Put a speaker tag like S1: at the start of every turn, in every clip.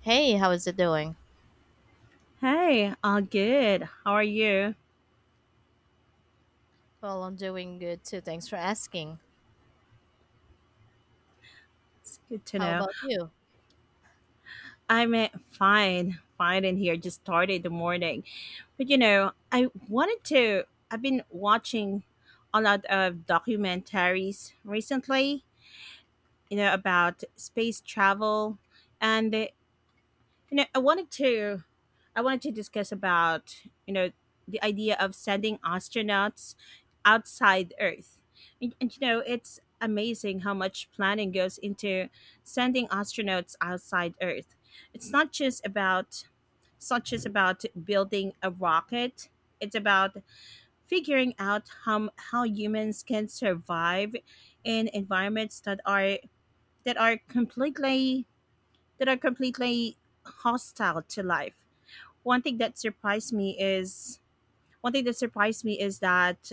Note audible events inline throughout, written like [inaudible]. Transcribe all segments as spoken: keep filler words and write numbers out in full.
S1: Hey, how is it doing?
S2: Hey, all good. How are you?
S1: Well, I'm doing good too. Thanks for asking.
S2: It's good to
S1: How
S2: know.
S1: about you?
S2: I'm uh, fine, fine in here. Just started the morning. But you know, I wanted to, I've been watching a lot of documentaries recently, you know, about space travel. And, uh, you know, I wanted to I wanted to discuss about you know the idea of sending astronauts outside Earth, and, and you know it's amazing how much planning goes into sending astronauts outside Earth. It's not just about it's not just about building a rocket. It's about figuring out how how humans can survive in environments that are that are completely that are completely hostile to life. one thing that surprised me is One thing that surprised me is that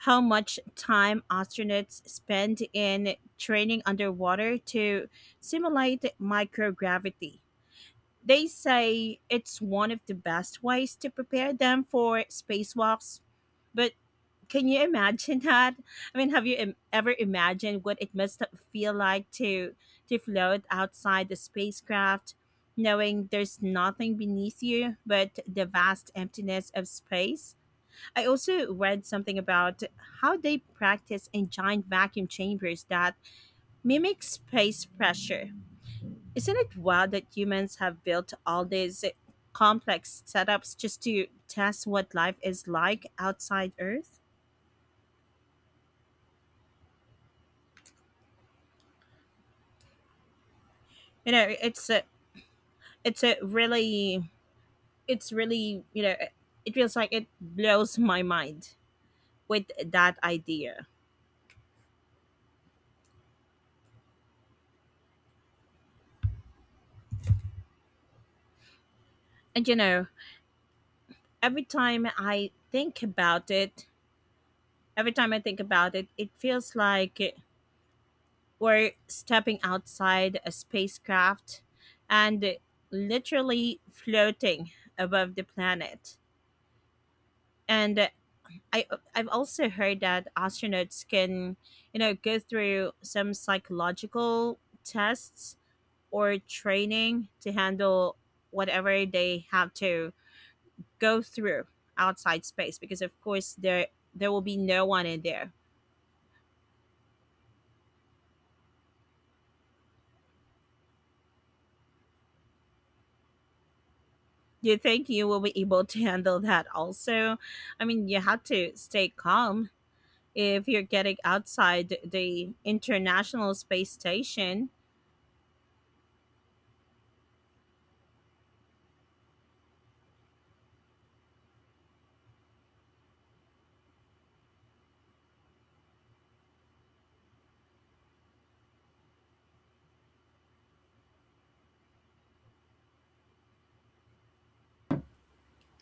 S2: how much time astronauts spend in training underwater to simulate microgravity. They say it's one of the best ways to prepare them for spacewalks, but can you imagine that? I mean, have you im- ever imagined what it must feel like to to float outside the spacecraft, knowing there's nothing beneath you but the vast emptiness of space? I also read something about how they practice in giant vacuum chambers that mimic space pressure. Isn't it wild that humans have built all these complex setups just to test what life is like outside Earth? You know, it's uh, it's a really it's really you know it- it feels like it blows my mind with that idea, and you know every time i think about it every time I think about it it feels like we're stepping outside a spacecraft and literally floating above the planet. And I, I've also heard that astronauts can, you know, go through some psychological tests or training to handle whatever they have to go through outside space, because of course there there will be no one in there. Do you think you will be able to handle that also? I mean, you have to stay calm if you're getting outside the International Space Station.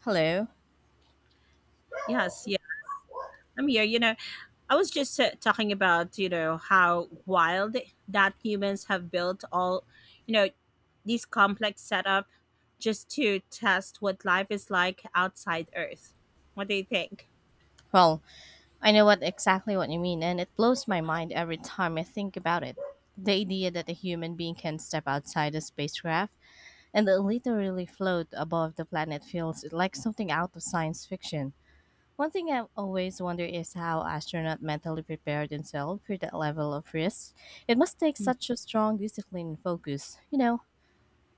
S1: Hello.
S2: Yes, yeah. I'm here. You know, I was just uh, talking about, you know, how wild that humans have built all, you know, these complex setup just to test what life is like outside Earth. What do you think?
S1: Well, I know what exactly what you mean, and it blows my mind every time I think about it. The idea that a human being can step outside a spacecraft and literally float above the planet feels like something out of science fiction. One thing I always wonder is how astronauts mentally prepare themselves for that level of risk. It must take such a strong discipline and focus. You know,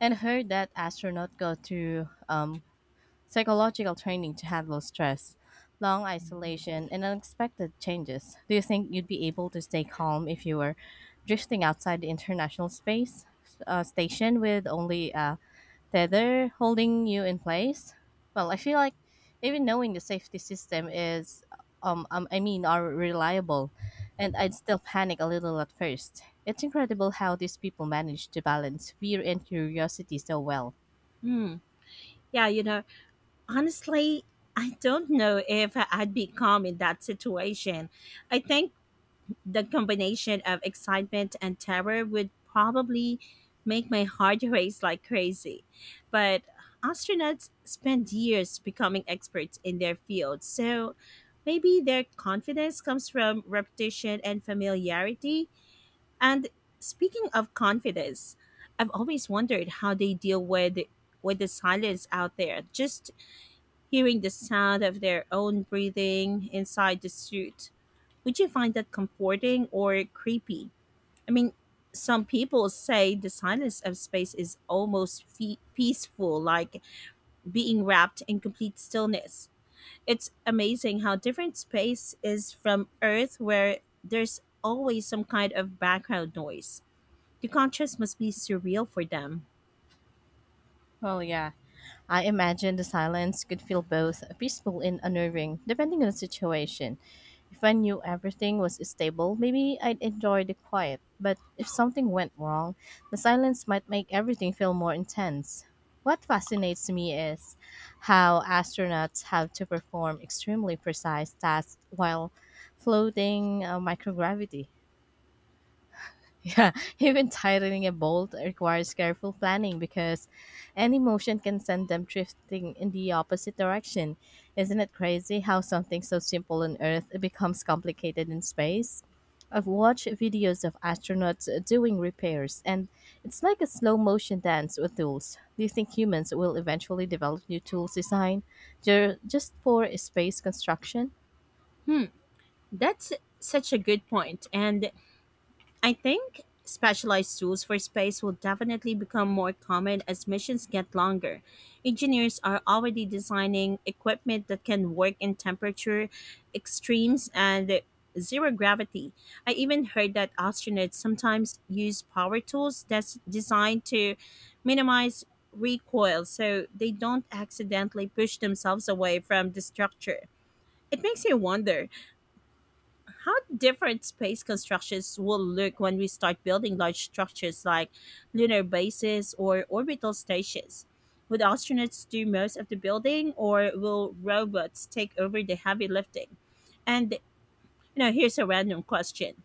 S1: And heard that astronauts go through um, psychological training to handle stress, long isolation, and unexpected changes. Do you think you'd be able to stay calm if you were drifting outside the International Space uh, Station with only a tether holding you in place? Well, I feel like even knowing the safety system is, um, um, I mean, are reliable, and I'd still panic a little at first. It's incredible how these people manage to balance fear and curiosity so well.
S2: Hmm. Yeah, you know, honestly, I don't know if I'd be calm in that situation. I think the combination of excitement and terror would probably make my heart [laughs] race like crazy. But astronauts spend years becoming experts in their field, so maybe their confidence comes from repetition and familiarity. And speaking of confidence, I've always wondered how they deal with with the silence out there. Just hearing the sound of their own breathing inside the suit. Would you find that comforting or creepy? I mean, some people say the silence of space is almost fe- peaceful, like being wrapped in complete stillness. It's amazing how different space is from Earth, where there's always some kind of background noise. The contrast must be surreal for them.
S1: Well, yeah. I imagine the silence could feel both peaceful and unnerving, depending on the situation. If I knew everything was stable, maybe I'd enjoy the quiet. But if something went wrong, the silence might make everything feel more intense. What fascinates me is how astronauts have to perform extremely precise tasks while floating uh, microgravity. Yeah, [laughs] even tightening a bolt requires careful planning because any motion can send them drifting in the opposite direction. Isn't it crazy how something so simple on Earth becomes complicated in space? I've watched videos of astronauts doing repairs, and it's like a slow motion dance with tools. Do you think humans will eventually develop new tools design ju- just for space construction?
S2: Hmm, that's such a good point. And I think specialized tools for space will definitely become more common as missions get longer. Engineers are already designing equipment that can work in temperature extremes and zero gravity. I even heard that astronauts sometimes use power tools that's designed to minimize recoil so they don't accidentally push themselves away from the structure. It makes you wonder how different space constructions will look when we start building large structures like lunar bases or orbital stations. Would astronauts do most of the building, or will robots take over the heavy lifting? And you know, here's a random question: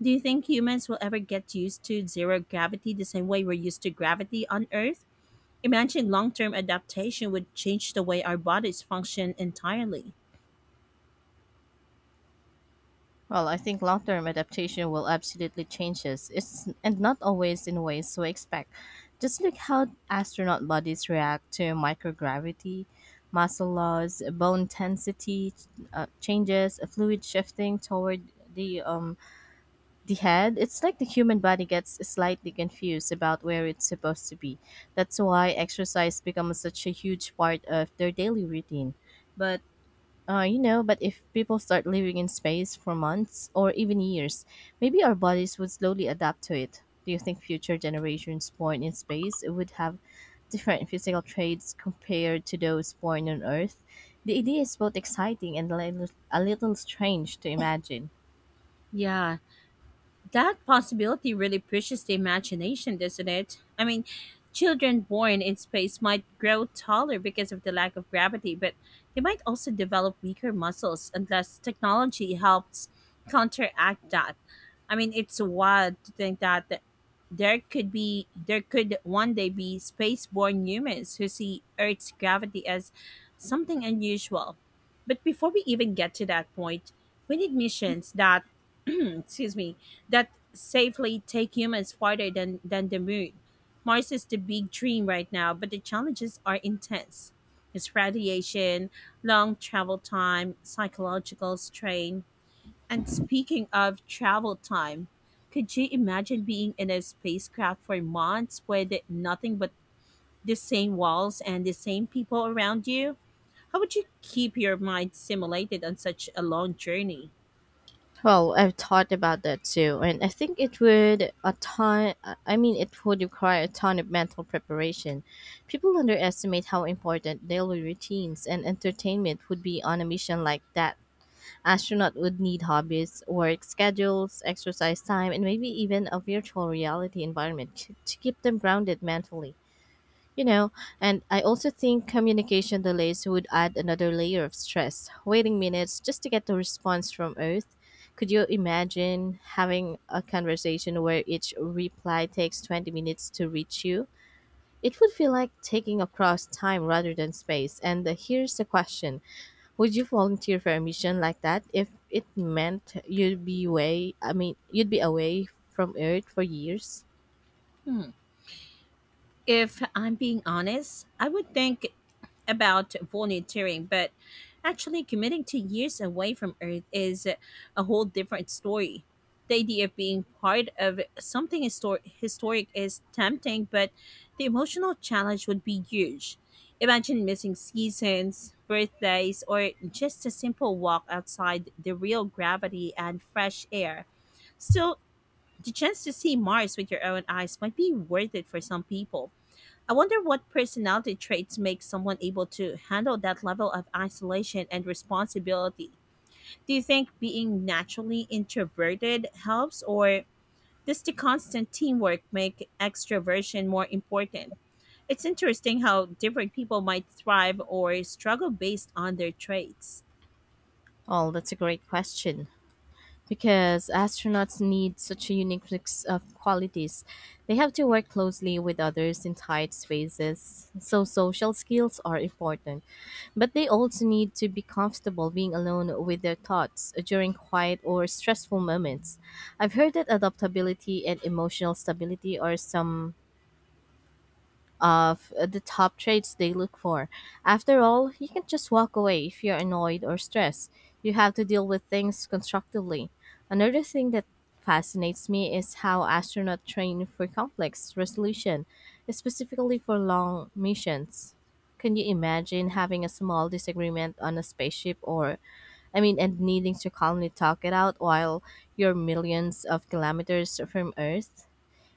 S2: do you think humans will ever get used to zero gravity the same way we're used to gravity on Earth? Imagine long-term adaptation would change the way our bodies function entirely.
S1: Well, I think long term adaptation will absolutely change us. It's and not always in ways we expect. Just look how astronaut bodies react to microgravity, muscle loss, bone density uh, changes, fluid shifting toward the um the head. It's like the human body gets slightly confused about where it's supposed to be. That's why exercise becomes such a huge part of their daily routine. But uh, you know, but if people start living in space for months or even years, maybe our bodies would slowly adapt to it. Do you think future generations born in space would have different physical traits compared to those born on Earth? The idea is both exciting and a little, a little strange to imagine.
S2: Yeah, that possibility really pushes the imagination, doesn't it? I mean, children born in space might grow taller because of the lack of gravity, but they might also develop weaker muscles unless technology helps counteract that. I mean, it's wild to think that there could be there could one day be space-born humans who see Earth's gravity as something unusual. But before we even get to that point, we need missions that [clears throat] excuse me that safely take humans farther than, than the moon. Mars is the big dream right now, but the challenges are intense. It's radiation, long travel time, psychological strain. And speaking of travel time, could you imagine being in a spacecraft for months with nothing but the same walls and the same people around you? How would you keep your mind stimulated on such a long journey?
S1: Well, I've thought about that too, and I think it would a ton. I mean, it would require a ton of mental preparation. People underestimate how important daily routines and entertainment would be on a mission like that. Astronaut would need hobbies, work schedules, exercise time, and maybe even a virtual reality environment to, to keep them grounded mentally. You know, and I also think communication delays would add another layer of stress, waiting minutes just to get a response from Earth. Could you imagine having a conversation where each reply takes twenty minutes to reach you? It would feel like taking across time rather than space. And uh, Here's the question: would you volunteer for a mission like that if it meant you'd be away? I mean, you'd be away from Earth for years?
S2: Hmm. If I'm being honest, I would think about volunteering, but actually committing to years away from Earth is a whole different story. The idea of being part of something histor- historic is tempting, but the emotional challenge would be huge. Imagine missing seasons, birthdays, or just a simple walk outside the real gravity and fresh air. Still, the chance to see Mars with your own eyes might be worth it for some people. I wonder what personality traits make someone able to handle that level of isolation and responsibility. Do you think being naturally introverted helps, or does the constant teamwork make extroversion more important? It's interesting how different people might thrive or struggle based on their traits.
S1: Oh, that's a great question, because astronauts need such a unique mix of qualities. They have to work closely with others in tight spaces, so social skills are important. But they also need to be comfortable being alone with their thoughts during quiet or stressful moments. I've heard that adaptability and emotional stability are some of the top traits they look for. After all, you can't just walk away if you're annoyed or stressed. You have to deal with things constructively. Another thing that fascinates me is how astronauts train for complex resolution, specifically for long missions. Can you imagine having a small disagreement on a spaceship or I mean, and needing to calmly talk it out while you're millions of kilometers from Earth?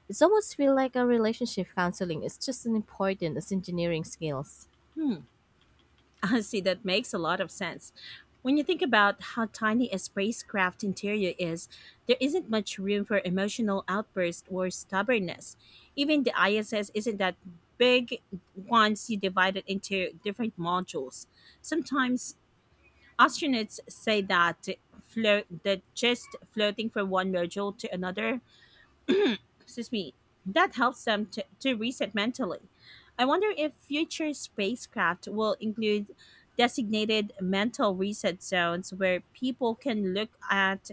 S1: It's almost feel like a relationship counseling is just as important as engineering skills.
S2: Hmm. [laughs] Honestly, that makes a lot of sense. When you think about how tiny a spacecraft interior is, there isn't much room for emotional outburst or stubbornness. Even the I S S isn't that big once you divide it into different modules. Sometimes astronauts say that float that just floating from one module to another, excuse me, that helps them to, to reset mentally. I wonder if future spacecraft will include designated mental reset zones where people can look at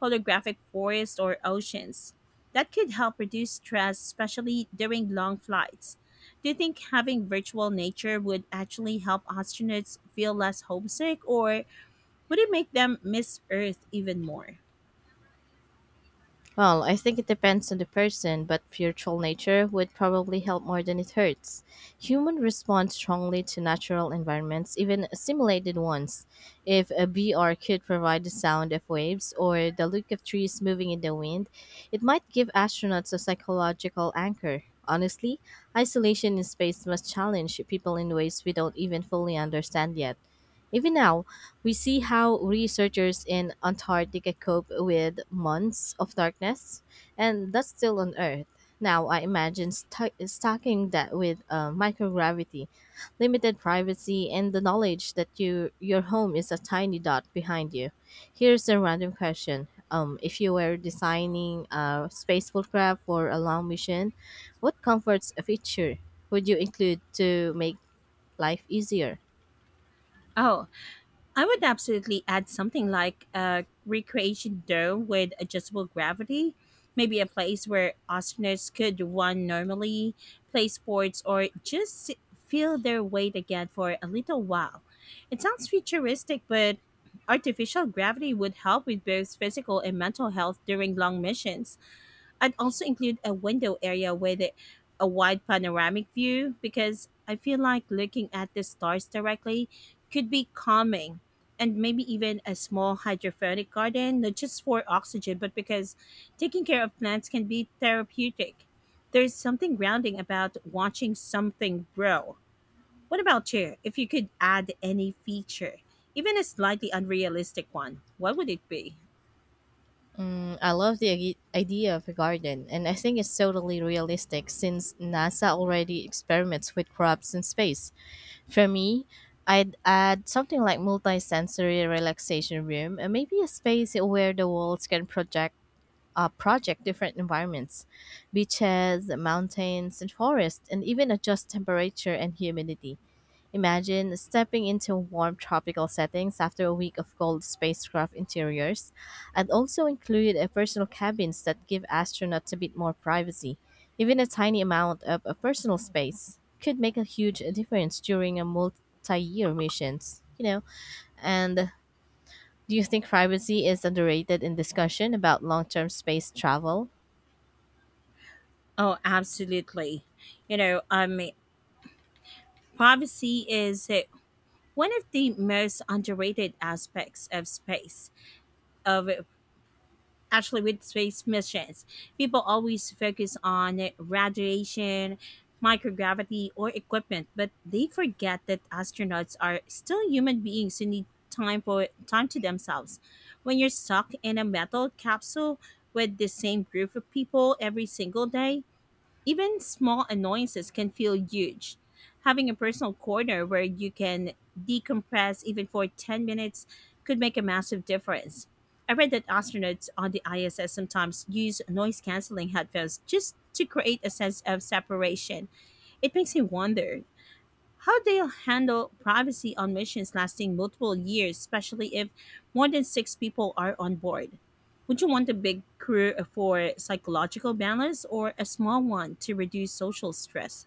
S2: holographic forests or oceans. That could help reduce stress, especially during long flights. Do you think having virtual nature would actually help astronauts feel less homesick, or would it make them miss Earth even more?
S1: Well, I think it depends on the person, but virtual nature would probably help more than it hurts. Humans respond strongly to natural environments, even simulated ones. If a B R could provide the sound of waves or the look of trees moving in the wind, it might give astronauts a psychological anchor. Honestly, isolation in space must challenge people in ways we don't even fully understand yet. Even now, we see how researchers in Antarctica cope with months of darkness, and that's still on Earth. Now, I imagine stu- stacking that with uh, microgravity, limited privacy, and the knowledge that you, your home is a tiny dot behind you. Here's a random question. Um, if you were designing a space craft for a long mission, what comforts a feature would you include to make life easier?
S2: Oh, I would absolutely add something like a recreation dome with adjustable gravity, maybe a place where astronauts could run normally, play sports, or just si-, feel their weight again for a little while. It sounds futuristic, but artificial gravity would help with both physical and mental health during long missions. I'd also include a window area with a a wide panoramic view because I feel like looking at the stars directly could be calming. And maybe even a small hydroponic garden, not just for oxygen, but because taking care of plants can be therapeutic. There's something grounding about watching something grow. What about you? If you could add any feature, even a slightly unrealistic one, what would it be?
S1: I love the agi- idea of a garden, and I think it's totally realistic since NASA already experiments with crops in space. For me, I'd add something like multi-sensory relaxation room, and maybe a space where the walls can project uh, project different environments, beaches, mountains, and forests, and even adjust temperature and humidity. Imagine stepping into warm tropical settings after a week of cold spacecraft interiors. I'd also include a personal cabins that give astronauts a bit more privacy. Even a tiny amount of a personal space could make a huge difference during a multi-year missions, you know. And do you think privacy is underrated in discussion about long-term space travel?
S2: Oh, absolutely. You know, um, privacy is uh, one of the most underrated aspects of space. Of Actually, with space missions, people always focus on radiation, microgravity, or equipment, but they forget that astronauts are still human beings who need time for time to themselves. When you're stuck in a metal capsule with the same group of people every single day, even small annoyances can feel huge. Having a personal corner where you can decompress even for ten minutes could make a massive difference. I read that astronauts on the I S S sometimes use noise canceling headphones just to create a sense of separation. It makes me wonder how they'll handle privacy on missions lasting multiple years, especially if more than six people are on board. Would you want a big crew for psychological balance or a small one to reduce social stress?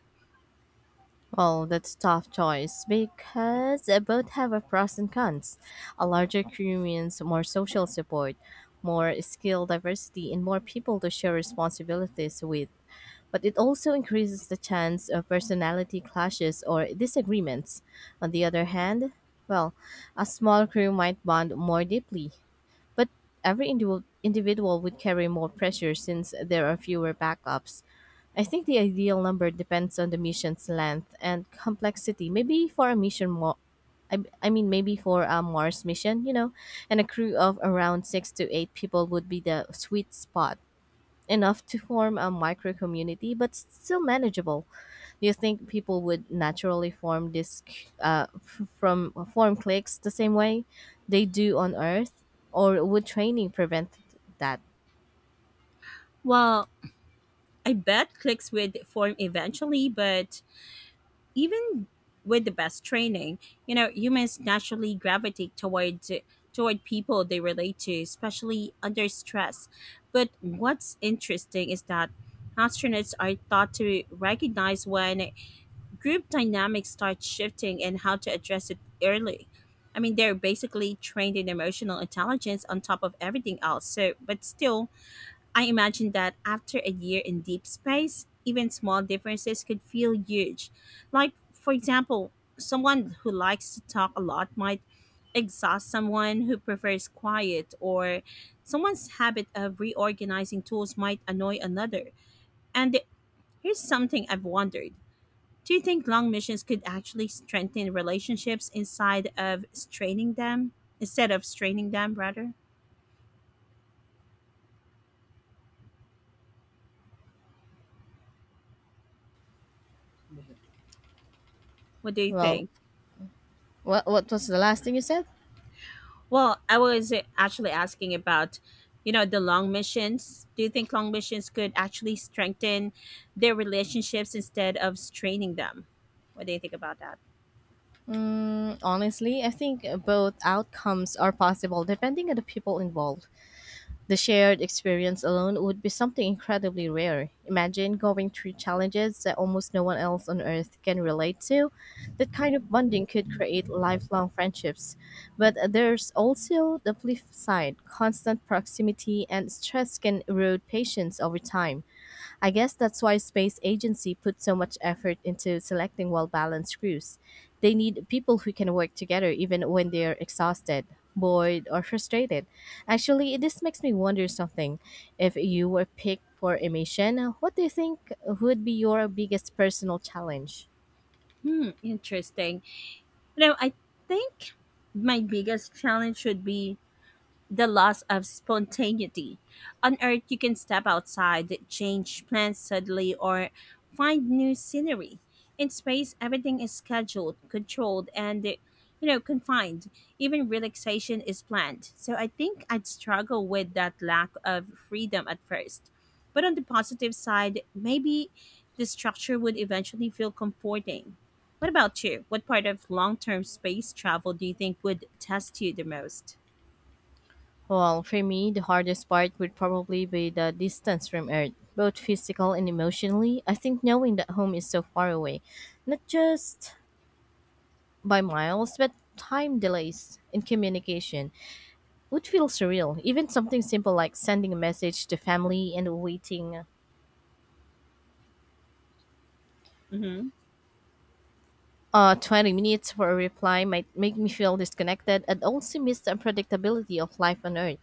S1: Well, that's a tough choice because uh, both have a pros and cons. A larger crew means more social support, more skill diversity, and more people to share responsibilities with. But it also increases the chance of personality clashes or disagreements. On the other hand, well, a small crew might bond more deeply, but every indiv- individual would carry more pressure since there are fewer backups. I think the ideal number depends on the mission's length and complexity. Maybe for a mission more. I, I mean, maybe for a Mars mission, you know, and a crew of around six to eight people would be the sweet spot, enough to form a micro community, but still manageable. Do you think people would naturally form this c- uh, f- from form cliques the same way they do on Earth, or would training prevent that?
S2: Well, I bet clicks would form eventually, but even with the best training, you know, humans naturally gravitate toward toward people they relate to, especially under stress. But what's interesting is that astronauts are taught to recognize when group dynamics start shifting and how to address it early. I mean, they're basically trained in emotional intelligence on top of everything else. So, but still, I imagine that after a year in deep space, even small differences could feel huge. Like, for example, someone who likes to talk a lot might exhaust someone who prefers quiet, or someone's habit of reorganizing tools might annoy another. And here's something I've wondered: do you think long missions could actually strengthen relationships inside of straining them? Instead of straining them, rather? What do you
S1: Well,
S2: think?
S1: what what was the last thing you said?
S2: Well, I was uh, actually asking about, you know, the long missions. Do you think long missions could actually strengthen their relationships instead of straining them? What do you think about that?
S1: Mm, honestly, I think both outcomes are possible depending on the people involved. The shared experience alone would be something incredibly rare. Imagine going through challenges that almost no one else on earth can relate to. That kind of bonding could create lifelong friendships. But there's also the flip side constant proximity and stress can erode patience over time. I guess that's why space agency put so much effort into selecting well-balanced crews. They need people who can work together even when they're exhausted, bored, or frustrated. Actually, this makes me wonder something. If you were picked for a mission, what do you think would be your biggest personal challenge?
S2: Hmm, interesting. You know, I think my biggest challenge should be the loss of spontaneity. On Earth, you can step outside, change plans suddenly, or find new scenery. In space, everything is scheduled, controlled, and you know confined. Even relaxation is planned. So I think I'd struggle with that lack of freedom at first. But on the positive side, maybe the structure would eventually feel comforting. What about you? What part of long-term space travel do you think would test you the most?
S1: Well, for me, the hardest part would probably be the distance from Earth, both physical and emotionally. I think knowing that home is so far away, not just by miles, but time delays in communication would feel surreal. Even something simple like sending a message to family and waiting
S2: hmm
S1: uh, twenty minutes for a reply might make me feel disconnected and also miss the unpredictability of life on Earth.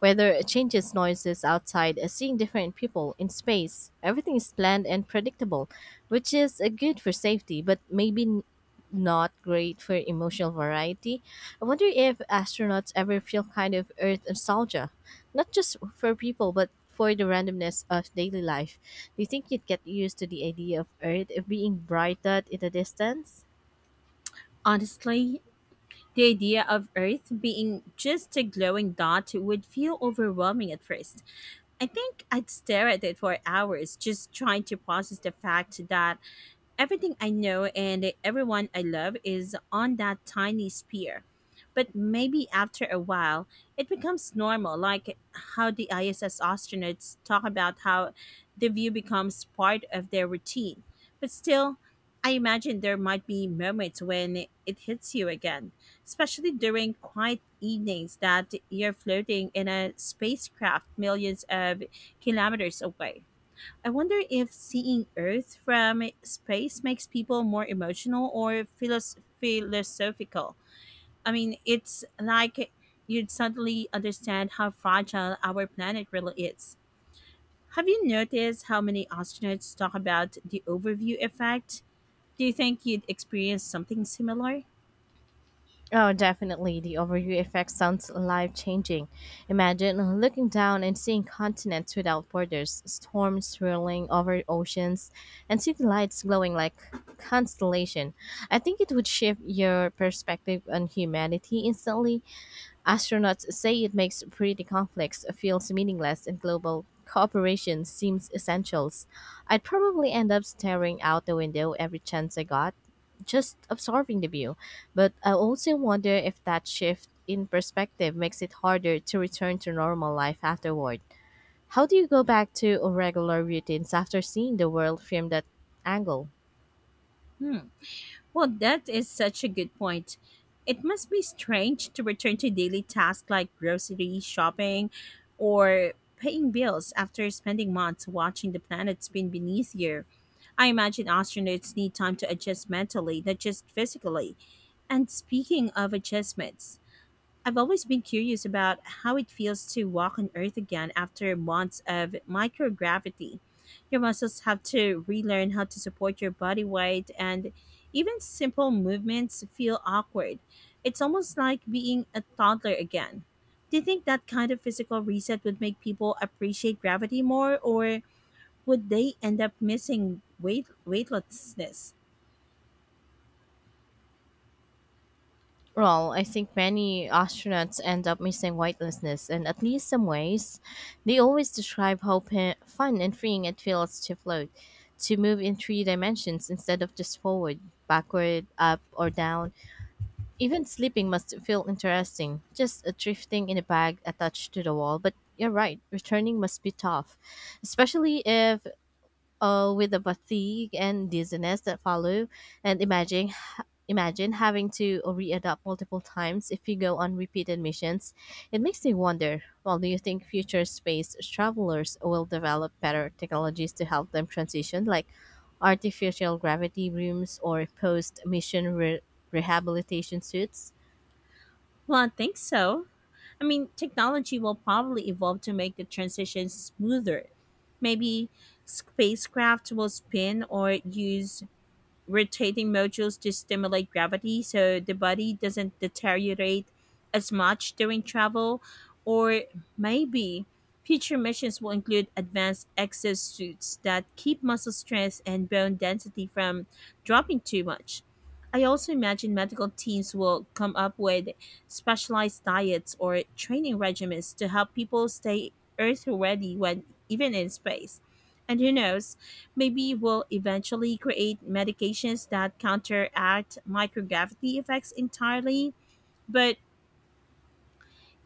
S1: Whether changes noises outside, uh, seeing different people in space, everything is planned and predictable, which is uh, good for safety, but maybe n- not great for emotional variety. I wonder if astronauts ever feel kind of Earth nostalgia, not just for people, but for the randomness of daily life. Do you think you'd get used to the idea of Earth being brighter in the distance?
S2: Honestly, the idea of Earth being just a glowing dot would feel overwhelming at first. I think I'd stare at it for hours just trying to process the fact that everything I know and everyone I love is on that tiny sphere. But maybe after a while, it becomes normal, like how the I S S astronauts talk about how the view becomes part of their routine. But still, I imagine there might be moments when it hits you again, especially during quiet evenings that you're floating in a spacecraft millions of kilometers away. I wonder if seeing Earth from space makes people more emotional or philos- philosophical. I mean, it's like you'd suddenly understand how fragile our planet really is. Have you noticed how many astronauts talk about the overview effect? Do you think you'd experience something similar?
S1: Oh, definitely. The overview effect sounds life changing. Imagine looking down and seeing continents without borders, storms swirling over oceans, and city lights glowing like constellation. I think it would shift your perspective on humanity instantly. Astronauts say it makes pretty conflicts feel meaningless and global cooperation seems essentials. I'd probably end up staring out the window every chance I got, just absorbing the view. But I also wonder if that shift in perspective makes it harder to return to normal life afterward. How do you go back to regular routines after seeing the world from that angle?
S2: Hmm. Well, that is such a good point. It must be strange to return to daily tasks like grocery shopping or paying bills after spending months watching the planet spin beneath you. I imagine astronauts need time to adjust mentally, not just physically. And speaking of adjustments, I've always been curious about how it feels to walk on Earth again after months of microgravity. Your muscles have to relearn how to support your body weight, and even simple movements feel awkward. It's almost like being a toddler again. Do you think that kind of physical reset would make people appreciate gravity more, or would they end up missing weight weightlessness?
S1: Well, I think many astronauts end up missing weightlessness, and at least some ways, they always describe how pa- fun and freeing it feels to float, to move in three dimensions instead of just forward, backward, up, or down. Even sleeping must feel interesting, just a drifting in a bag attached to the wall. But you're right, returning must be tough, especially if uh, with the fatigue and dizziness that follow. And imagine, imagine having to readapt multiple times if you go on repeated missions. It makes me wonder, well, do you think future space travelers will develop better technologies to help them transition, like artificial gravity rooms or post-mission re- rehabilitation suits?
S2: Well, I think so. I mean, technology will probably evolve to make the transition smoother. Maybe spacecraft will spin or use rotating modules to stimulate gravity so the body doesn't deteriorate as much during travel. Or maybe future missions will include advanced exosuits that keep muscle strength and bone density from dropping too much. I also imagine medical teams will come up with specialized diets or training regimens to help people stay Earth ready when even in space. And who knows, maybe we'll eventually create medications that counteract microgravity effects entirely. But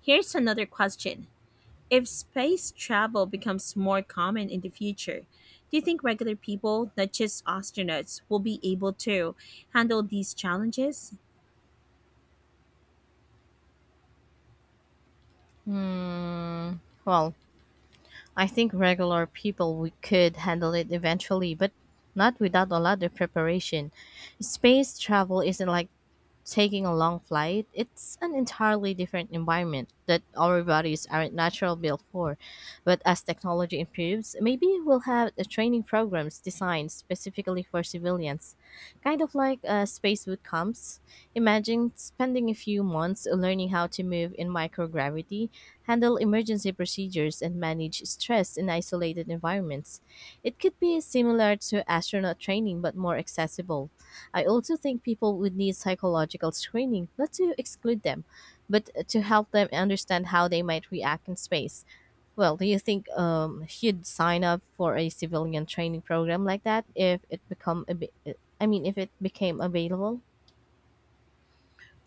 S2: here's another question. If space travel becomes more common in the future, do you think regular people, not just astronauts, will be able to handle these challenges?
S1: Hmm. Well, I think regular people we could handle it eventually, but not without a lot of preparation. Space travel isn't like taking a long flight, it's an entirely different environment that our bodies aren't natural built for. But as technology improves, maybe we'll have the training programs designed specifically for civilians, kind of like uh, space boot camps. Imagine spending a few months learning how to move in microgravity, handle emergency procedures, and manage stress in isolated environments. It could be similar to astronaut training but more accessible. I also think people would need psychological screening not to exclude them, but to help them understand how they might react in space. Well, do you think um, you'd sign up for a civilian training program like that if it become a, I mean, if it became available?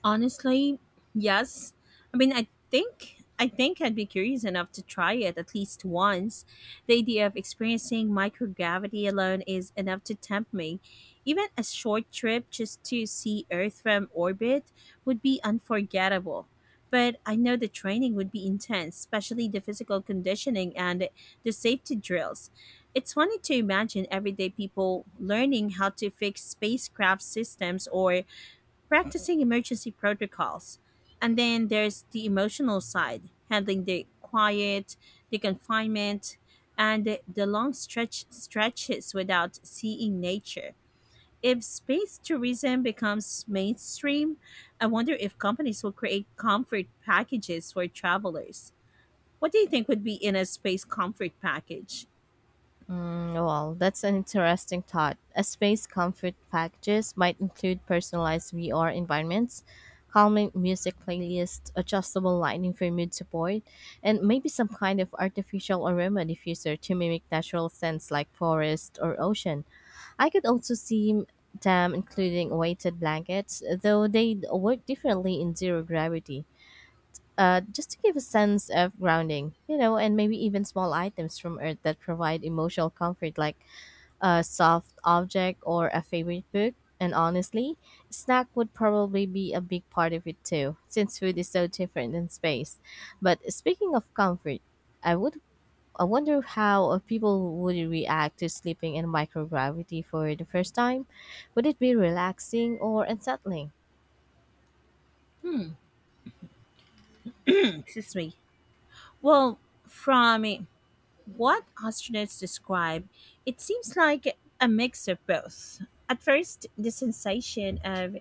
S2: Honestly, yes. I mean, I think I think I'd be curious enough to try it at least once. The idea of experiencing microgravity alone is enough to tempt me. Even a short trip just to see Earth from orbit would be unforgettable. But I know the training would be intense, especially the physical conditioning and the safety drills. It's funny to imagine everyday people learning how to fix spacecraft systems or practicing emergency protocols. And then there's the emotional side, handling the quiet, the confinement, and the, the long stretch stretches without seeing nature. If space tourism becomes mainstream, I wonder if companies will create comfort packages for travelers. What do you think would be in a space comfort package?
S1: Mm, well, that's an interesting thought. A space comfort packages might include personalized V R environments, calming music playlists, adjustable lighting for mood support, and maybe some kind of artificial aroma diffuser to mimic natural scents like forest or ocean. I could also see them including weighted blankets, though they work differently in zero gravity. Uh, just to give a sense of grounding, you know, and maybe even small items from Earth that provide emotional comfort like a soft object, or a favorite book. And honestly, snack would probably be a big part of it too, since food is so different in space. But speaking of comfort, I would I wonder how uh, people would react to sleeping in microgravity for the first time. Would it be relaxing or unsettling?
S2: Hmm. [clears throat] Excuse me. Well, from what astronauts describe, it seems like a mix of both. At first, the sensation of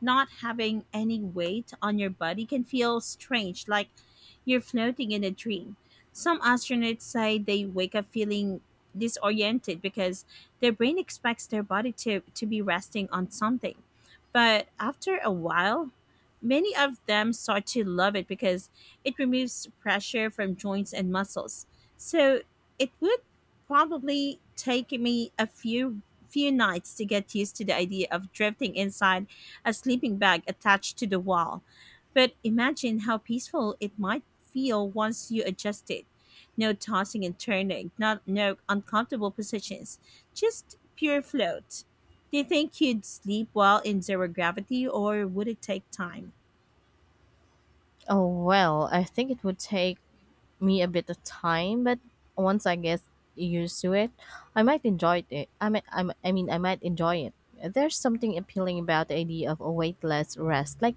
S2: not having any weight on your body can feel strange, like you're floating in a dream. Some astronauts say they wake up feeling disoriented because their brain expects their body to, to be resting on something. But after a while, many of them start to love it because it removes pressure from joints and muscles. So it would probably take me a few few nights to get used to the idea of drifting inside a sleeping bag attached to the wall. But imagine how peaceful it might feel once you adjust it. No tossing and turning, not no uncomfortable positions, just pure float. Do you think you'd sleep well in zero gravity or would it take time?
S1: Oh well, I think it would take me a bit of time, but once I get used to it, I might enjoy it. I might, I might- I mean, I might enjoy it. There's something appealing about the idea of a weightless rest, like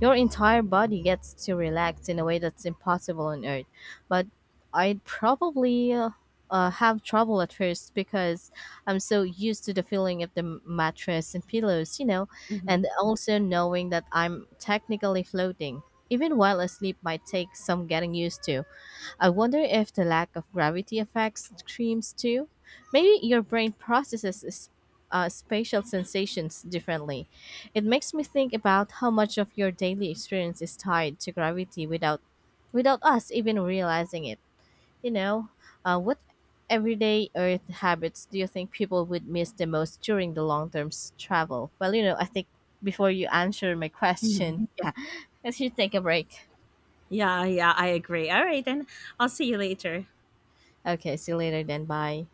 S1: your entire body gets to relax in a way that's impossible on earth. But I'd probably uh, uh, have trouble at first because I'm so used to the feeling of the m- mattress and pillows, you know, and
S2: Mhm,
S1: also knowing that I'm technically floating. Even while asleep might take some getting used to. I wonder if the lack of gravity affects dreams too. Maybe your brain processes s- uh, spatial sensations differently. It makes me think about how much of your daily experience is tied to gravity without, without us even realizing it. You know, uh, what everyday Earth habits do you think people would miss the most during the long term s- travel? Well, you know, I think before you answer my
S2: mhm.
S1: question, [laughs] yeah, let's just take a break.
S2: Yeah, yeah, I agree. All right, then I'll see you later.
S1: Okay, see you later then. Bye.